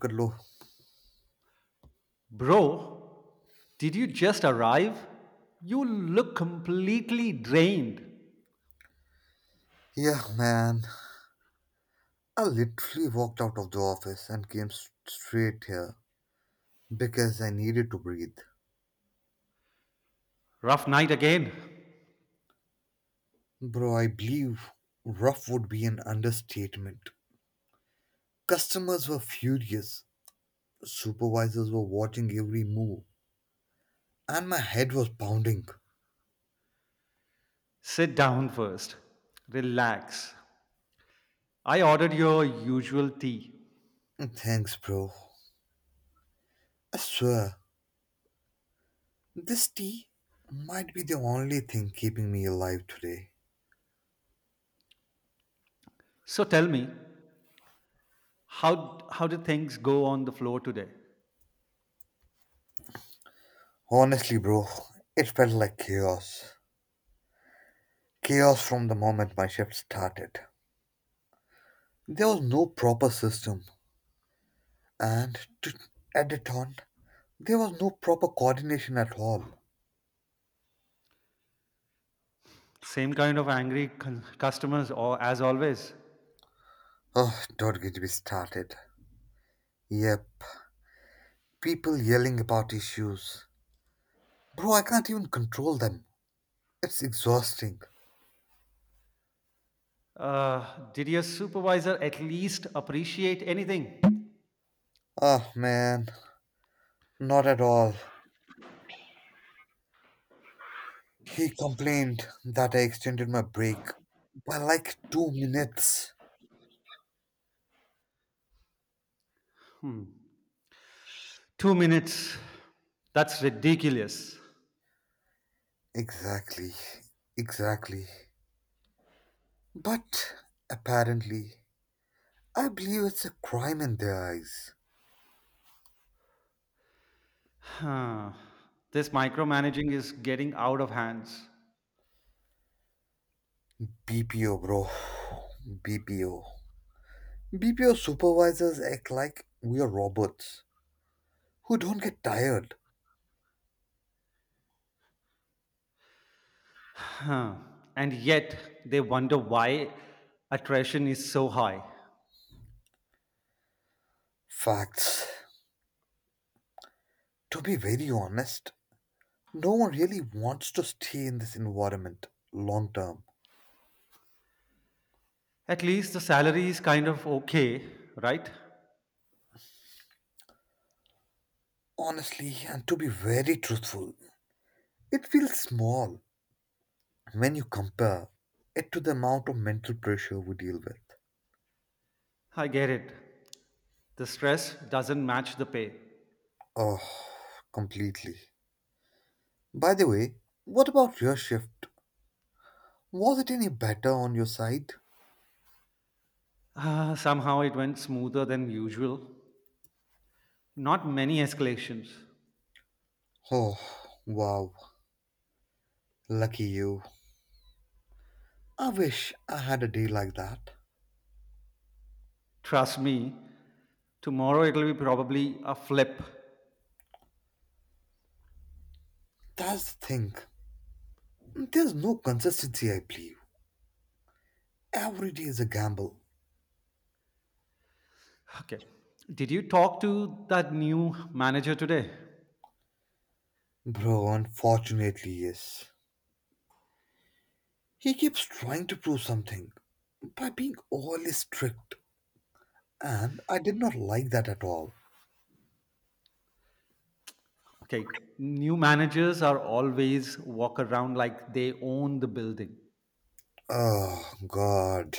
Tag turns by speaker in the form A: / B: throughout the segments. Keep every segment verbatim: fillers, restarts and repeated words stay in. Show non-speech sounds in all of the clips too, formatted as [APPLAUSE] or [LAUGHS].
A: Good lord.
B: Bro, did you just arrive? You look completely drained.
A: Yeah, man. I literally walked out of the office and came s- straight here because I needed to breathe.
B: Rough night again.
A: Bro, I believe rough would be an understatement. Customers were furious, supervisors were watching every move, and my head was pounding.
B: Sit down first. Relax. I ordered your usual tea.
A: Thanks, bro. I swear, this tea might be the only thing keeping me alive today.
B: So tell me, how, how did things go on the floor today?
A: Honestly, bro, it felt like chaos. Chaos from the moment my shift started. There was no proper system, and to add it on, there was no proper coordination at all.
B: Same kind of angry cu- customers or as always.
A: Oh, don't get me started. Yep, people yelling about issues. Bro, I can't even control them. It's exhausting.
B: Uh, did your supervisor at least appreciate anything?
A: Ah, man, not at all. He complained that I extended my break by like two minutes.
B: Two minutes. That's ridiculous.
A: Exactly, exactly. But apparently, I believe it's a crime in their eyes.
B: Huh. This micromanaging is getting out of hands.
A: B P O, bro. B P O. B P O supervisors act like we are robots who don't get tired.
B: Huh. And yet they wonder why attrition is so high.
A: Facts. To be very honest, no one really wants to stay in this environment long term.
B: At least the salary is kind of okay, right?
A: Honestly, and to be very truthful, it feels small when you compare it to the amount of mental pressure we deal with.
B: I get it. The stress doesn't match the pay.
A: Oh, completely. By the way, what about your shift? Was it any better on your side?
B: Ah, somehow it went smoother than usual. Not many escalations.
A: Oh, wow, lucky you. I wish I had a day like that.
B: Trust me, tomorrow it'll be probably a flip.
A: That's the thing. There's no consistency, I believe. Every day is a gamble.
B: Okay. Did you talk to that new manager today?
A: Bro, unfortunately, yes. He keeps trying to prove something by being overly strict, and I did not like that at all.
B: Okay, new managers are always walk around like they own the building.
A: Oh, God.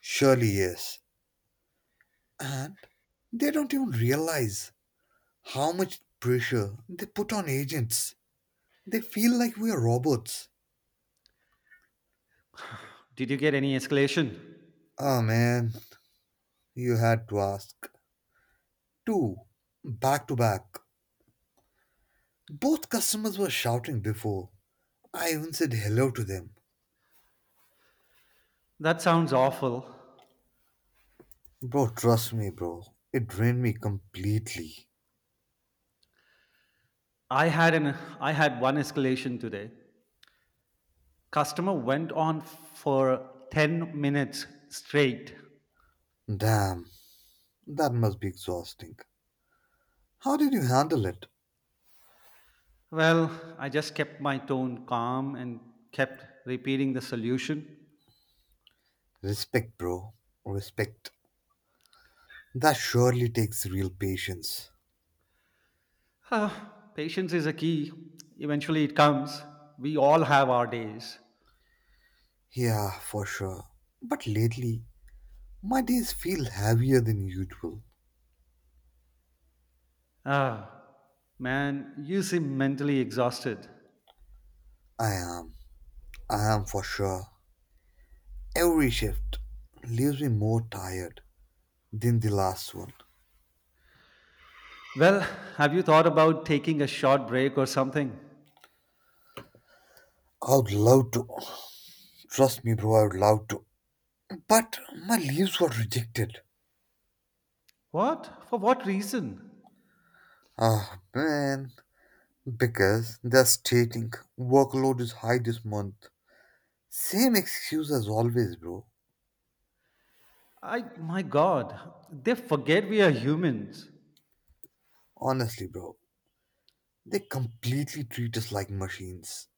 A: Surely, yes. And they don't even realize how much pressure they put on agents. They feel like we are robots.
B: Did you get any escalation?
A: Ah man, you had to ask. Two, back to back. Both customers were shouting before. I even said hello to them.
B: That sounds awful.
A: Bro, trust me, bro. It drained me completely.
B: I had an I had one escalation today. Customer went on for ten minutes straight.
A: Damn, that must be exhausting. How did you handle it?
B: Well, I just kept my tone calm and kept repeating the solution. [SIGHS]
A: Respect, bro. Respect. That surely takes real patience.
B: Ah, patience is a key. Eventually it comes. We all have our days.
A: Yeah, for sure. But lately, my days feel heavier than usual.
B: Ah, man, you seem mentally exhausted.
A: I am. I am for sure. Every shift leaves me more tired than the last one.
B: Well, have you thought about taking a short break or something?
A: I would love to. Trust me, bro, I would love to. But my leaves were rejected.
B: What? For what reason?
A: Ah, man. Because they're stating workload is high this month. Same excuse as always, bro.
B: I, my God, they forget we are humans.
A: Honestly, bro. They completely treat us like machines.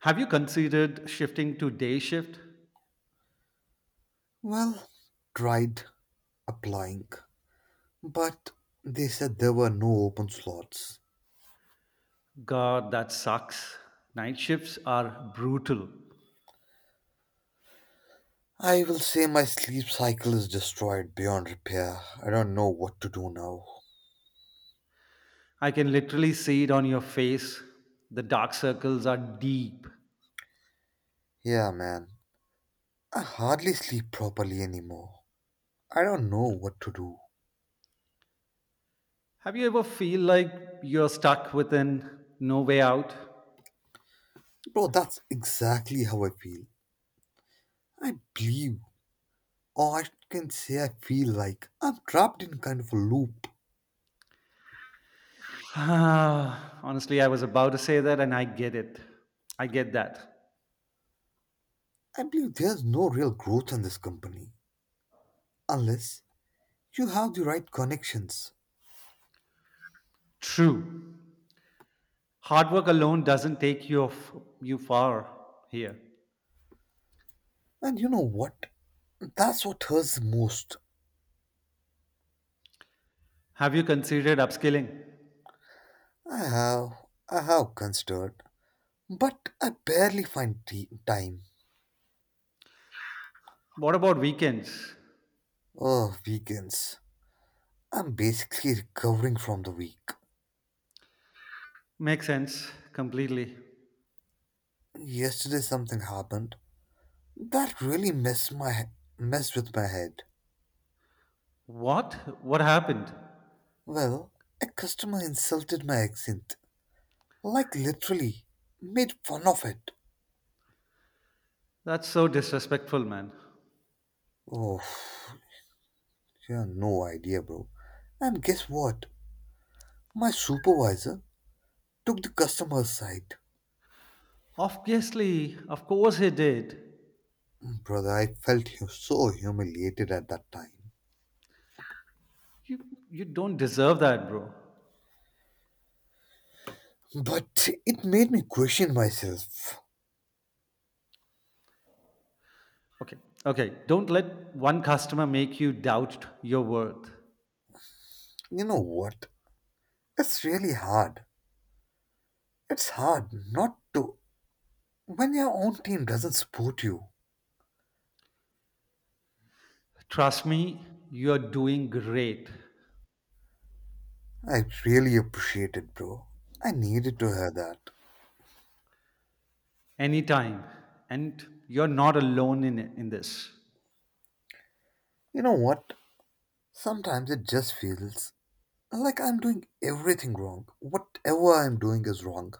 B: Have you considered shifting to day shift?
A: Well, tried applying, but they said there were no open slots.
B: God, that sucks. Night shifts are brutal.
A: I will say my sleep cycle is destroyed beyond repair. I don't know what to do now.
B: I can literally see it on your face. The dark circles are deep.
A: Yeah, man. I hardly sleep properly anymore. I don't know what to do.
B: Have you ever feel like you're stuck within no way out?
A: Bro, that's exactly how I feel. I believe, or I can say I feel like I'm trapped in kind of a loop.
B: [SIGHS] Honestly, I was about to say that, and I get it. I get that.
A: I believe there's no real growth in this company. Unless you have the right connections.
B: True. Hard work alone doesn't take you off, you far here.
A: And you know what? That's what hurts the most.
B: Have you considered upskilling?
A: I have I have considered, but I barely find t- time.
B: What about weekends?
A: Oh, weekends. I'm basically recovering from the week.
B: Makes sense completely.
A: Yesterday something happened that really messed my he- messed with my head.
B: What? What happened?
A: Well, a customer insulted my accent, like literally made fun of it.
B: That's so disrespectful, man.
A: Oh, you have no idea, bro. And guess what? My supervisor took the customer's side.
B: Obviously, of course he did.
A: Brother, I felt hu- so humiliated at that time.
B: You you don't deserve that, bro.
A: But it made me question myself.
B: Okay. Okay, don't let one customer make you doubt your worth.
A: You know what? It's really hard. It's hard not to when your own team doesn't support you.
B: Trust me, you're doing great
A: I really appreciate it, bro. I needed to hear that.
B: anytime. And you're not alone in, it- in this.
A: You know what? Sometimes it just feels like I'm doing everything wrong. Whatever I'm doing is wrong.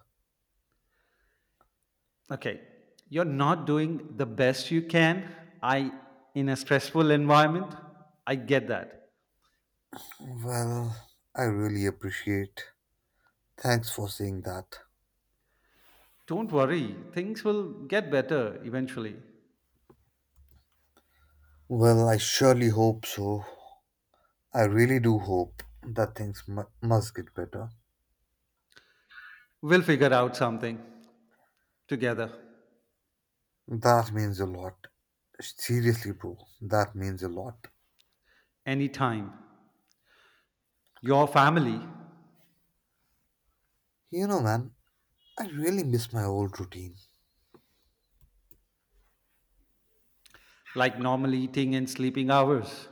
B: Okay. You're not doing the best you can. I, in a stressful environment, I get that.
A: Well, I really appreciate. Thanks for saying that.
B: Don't worry. Things will get better eventually.
A: Well, I surely hope so. I really do hope that things mu must get better.
B: We'll figure out something together
A: That means a lot. Seriously, bro, that means a lot.
B: anytime. Your family,
A: You know, man, I really miss my old routine.
B: like normal eating and sleeping hours.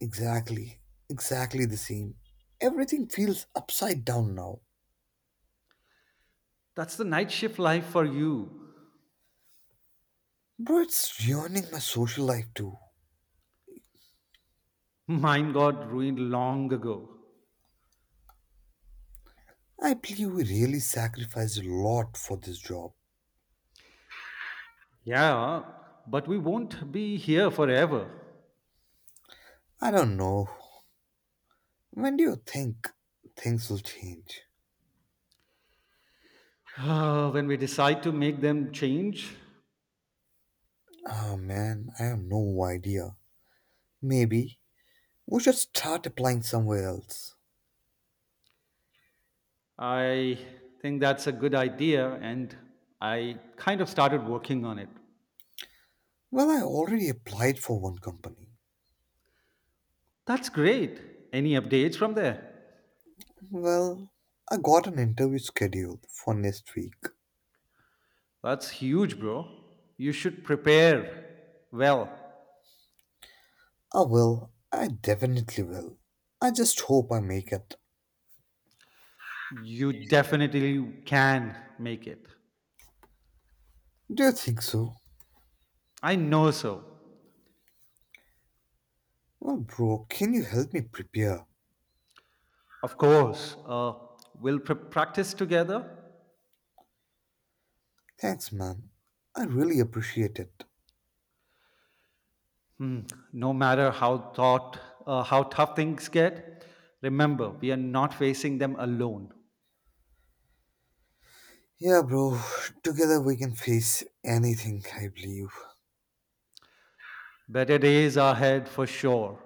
A: Exactly, exactly the same. Everything feels upside down now.
B: That's the night shift life for you.
A: Bro, it's ruining my social life too.
B: Mine got ruined long ago.
A: I believe we really sacrificed a lot for this job.
B: Yeah, but we won't be here forever.
A: I don't know. When do you think things will change?
B: [SIGHS] When we decide to make them change,
A: Ah man, I have no idea. Maybe we should start applying somewhere else.
B: I think that's a good idea, and I kind of started working on it.
A: Well, I already applied for one company.
B: That's great. Any updates from there?
A: Well, I got an interview scheduled for next week.
B: That's huge, bro. You should prepare well.
A: I will. I definitely will. I just hope I make it.
B: You definitely can make it.
A: Do you think so?
B: I know so.
A: Well, bro, can you help me prepare?
B: Of course. Uh, we'll pr- practice together.
A: Thanks, man. I really appreciate it.
B: Hmm, no matter how thought, uh, how tough things get, remember we are not facing them alone.
A: Yeah, bro, together we can face anything, I believe.
B: Better days are ahead for sure.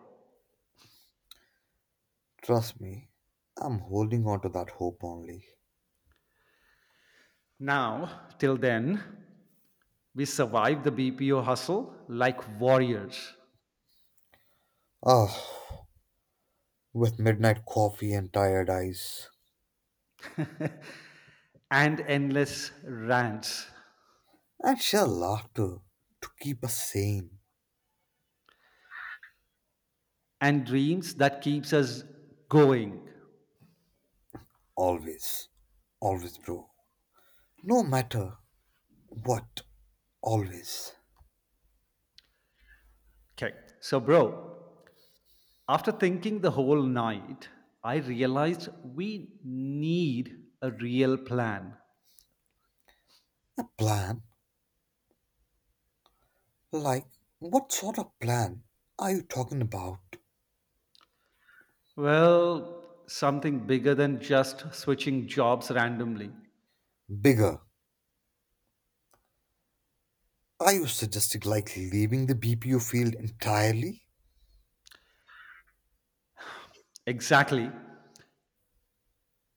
A: Trust me, I'm holding on to that hope only.
B: Now, till then, we survive the B P O hustle like warriors
A: Ah, with midnight coffee and tired eyes,
B: and endless rants
A: and sheer laughter to keep us sane.
B: and dreams that keeps us going.
A: Always. Always, bro. No matter what, always.
B: Okay, so bro, after thinking the whole night, I realized we need a real plan.
A: A plan? Like, what sort of plan are you talking about?
B: Well, something bigger than just switching jobs randomly.
A: Bigger. Are you suggesting like leaving the B P O field entirely?
B: Exactly.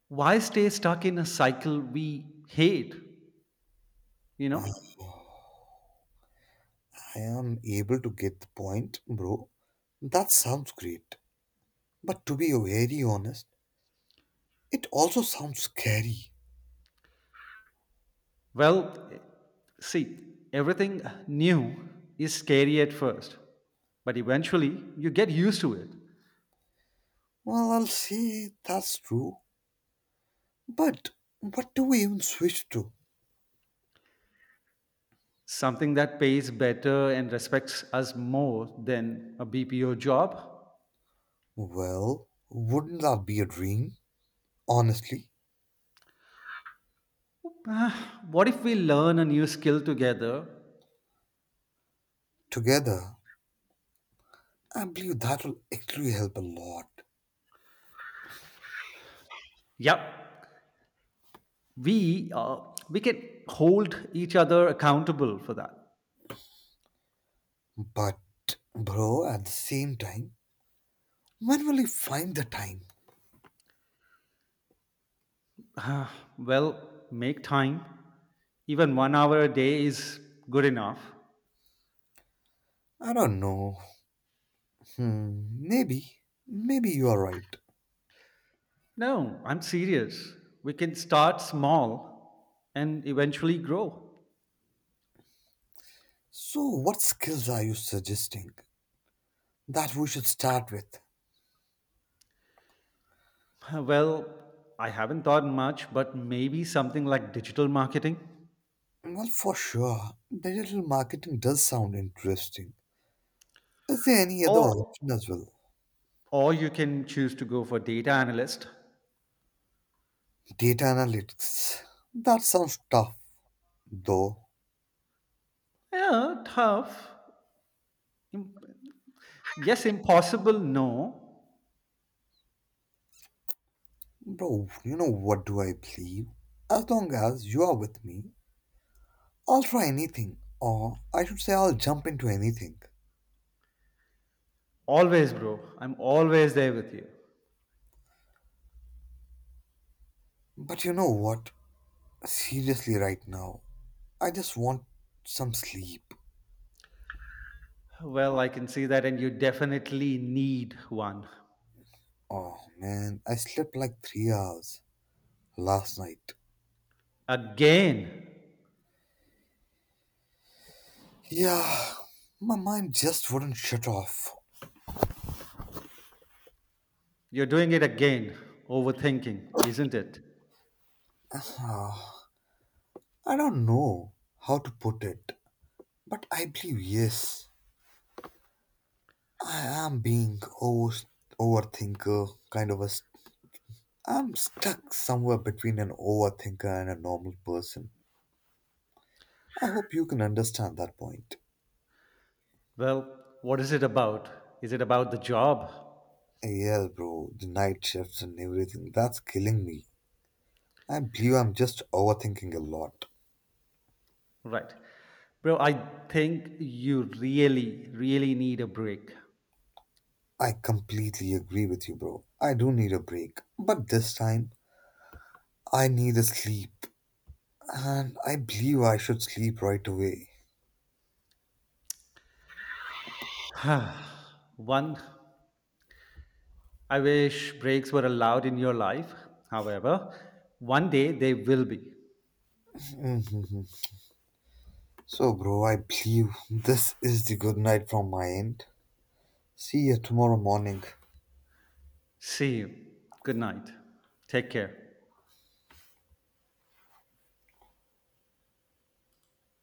B: Why stay stuck in a cycle we hate? You know?
A: I am able to get the point, bro. That sounds great. But to be very honest, it also sounds scary.
B: Well, see, everything new is scary at first, but eventually you get used to it.
A: Well, I'll say that's true. But what do we even switch to?
B: Something that pays better and respects us more than a B P O job.
A: Well, wouldn't that be a dream? Honestly,
B: Ah, what if we learn a new skill together?
A: together, I believe that will actually help a lot.
B: Yep, we uh, we can hold each other accountable for that.
A: But, bro, at the same time, when will you find the time?
B: Well, make time, even one hour a day is good enough.
A: I don't know. Hmm, maybe. Maybe you are right.
B: No, I'm serious, we can start small and eventually grow.
A: So, what skills are you suggesting that we should start with?
B: [LAUGHS] Well, I haven't thought much, but maybe something like digital marketing.
A: Well, for sure, digital marketing does sound interesting. Is there any other
B: or
A: option as well?
B: or you can choose to go for data analyst.
A: Data analytics. That sounds tough, though.
B: Yeah, tough. Im- yes, impossible, no.
A: Bro, you know what do I believe? As long as you are with me, I'll try anything, or I should say I'll jump into anything.
B: Always, bro, I'm always there with you.
A: But you know what? Seriously, right now, I just want some sleep.
B: Well, I can see that, and you definitely need one.
A: Oh man, I slept like three hours last night.
B: Again,
A: Yeah, my mind just wouldn't shut off.
B: you're doing it again, overthinking, isn't it?
A: Ah, I don't know how to put it, but I believe yes, I am being over overthinker kind of a I'm stuck somewhere between an overthinker and a normal person. I hope you can understand that point.
B: Well, what is it about? Is it about the job?
A: Yes, bro, the night shifts and everything, that's killing me. I believe I'm just overthinking a lot.
B: Right. Bro, I think you really, really need a break.
A: I completely agree with you, bro. I do need a break. But this time, I need a sleep. And I believe I should sleep right away.
B: [SIGHS] One, I wish breaks were allowed in your life. However, one day they will be.
A: Mhm. So, bro, I believe this is the good night from my end. See you tomorrow morning.
B: See you. Good night. Take care.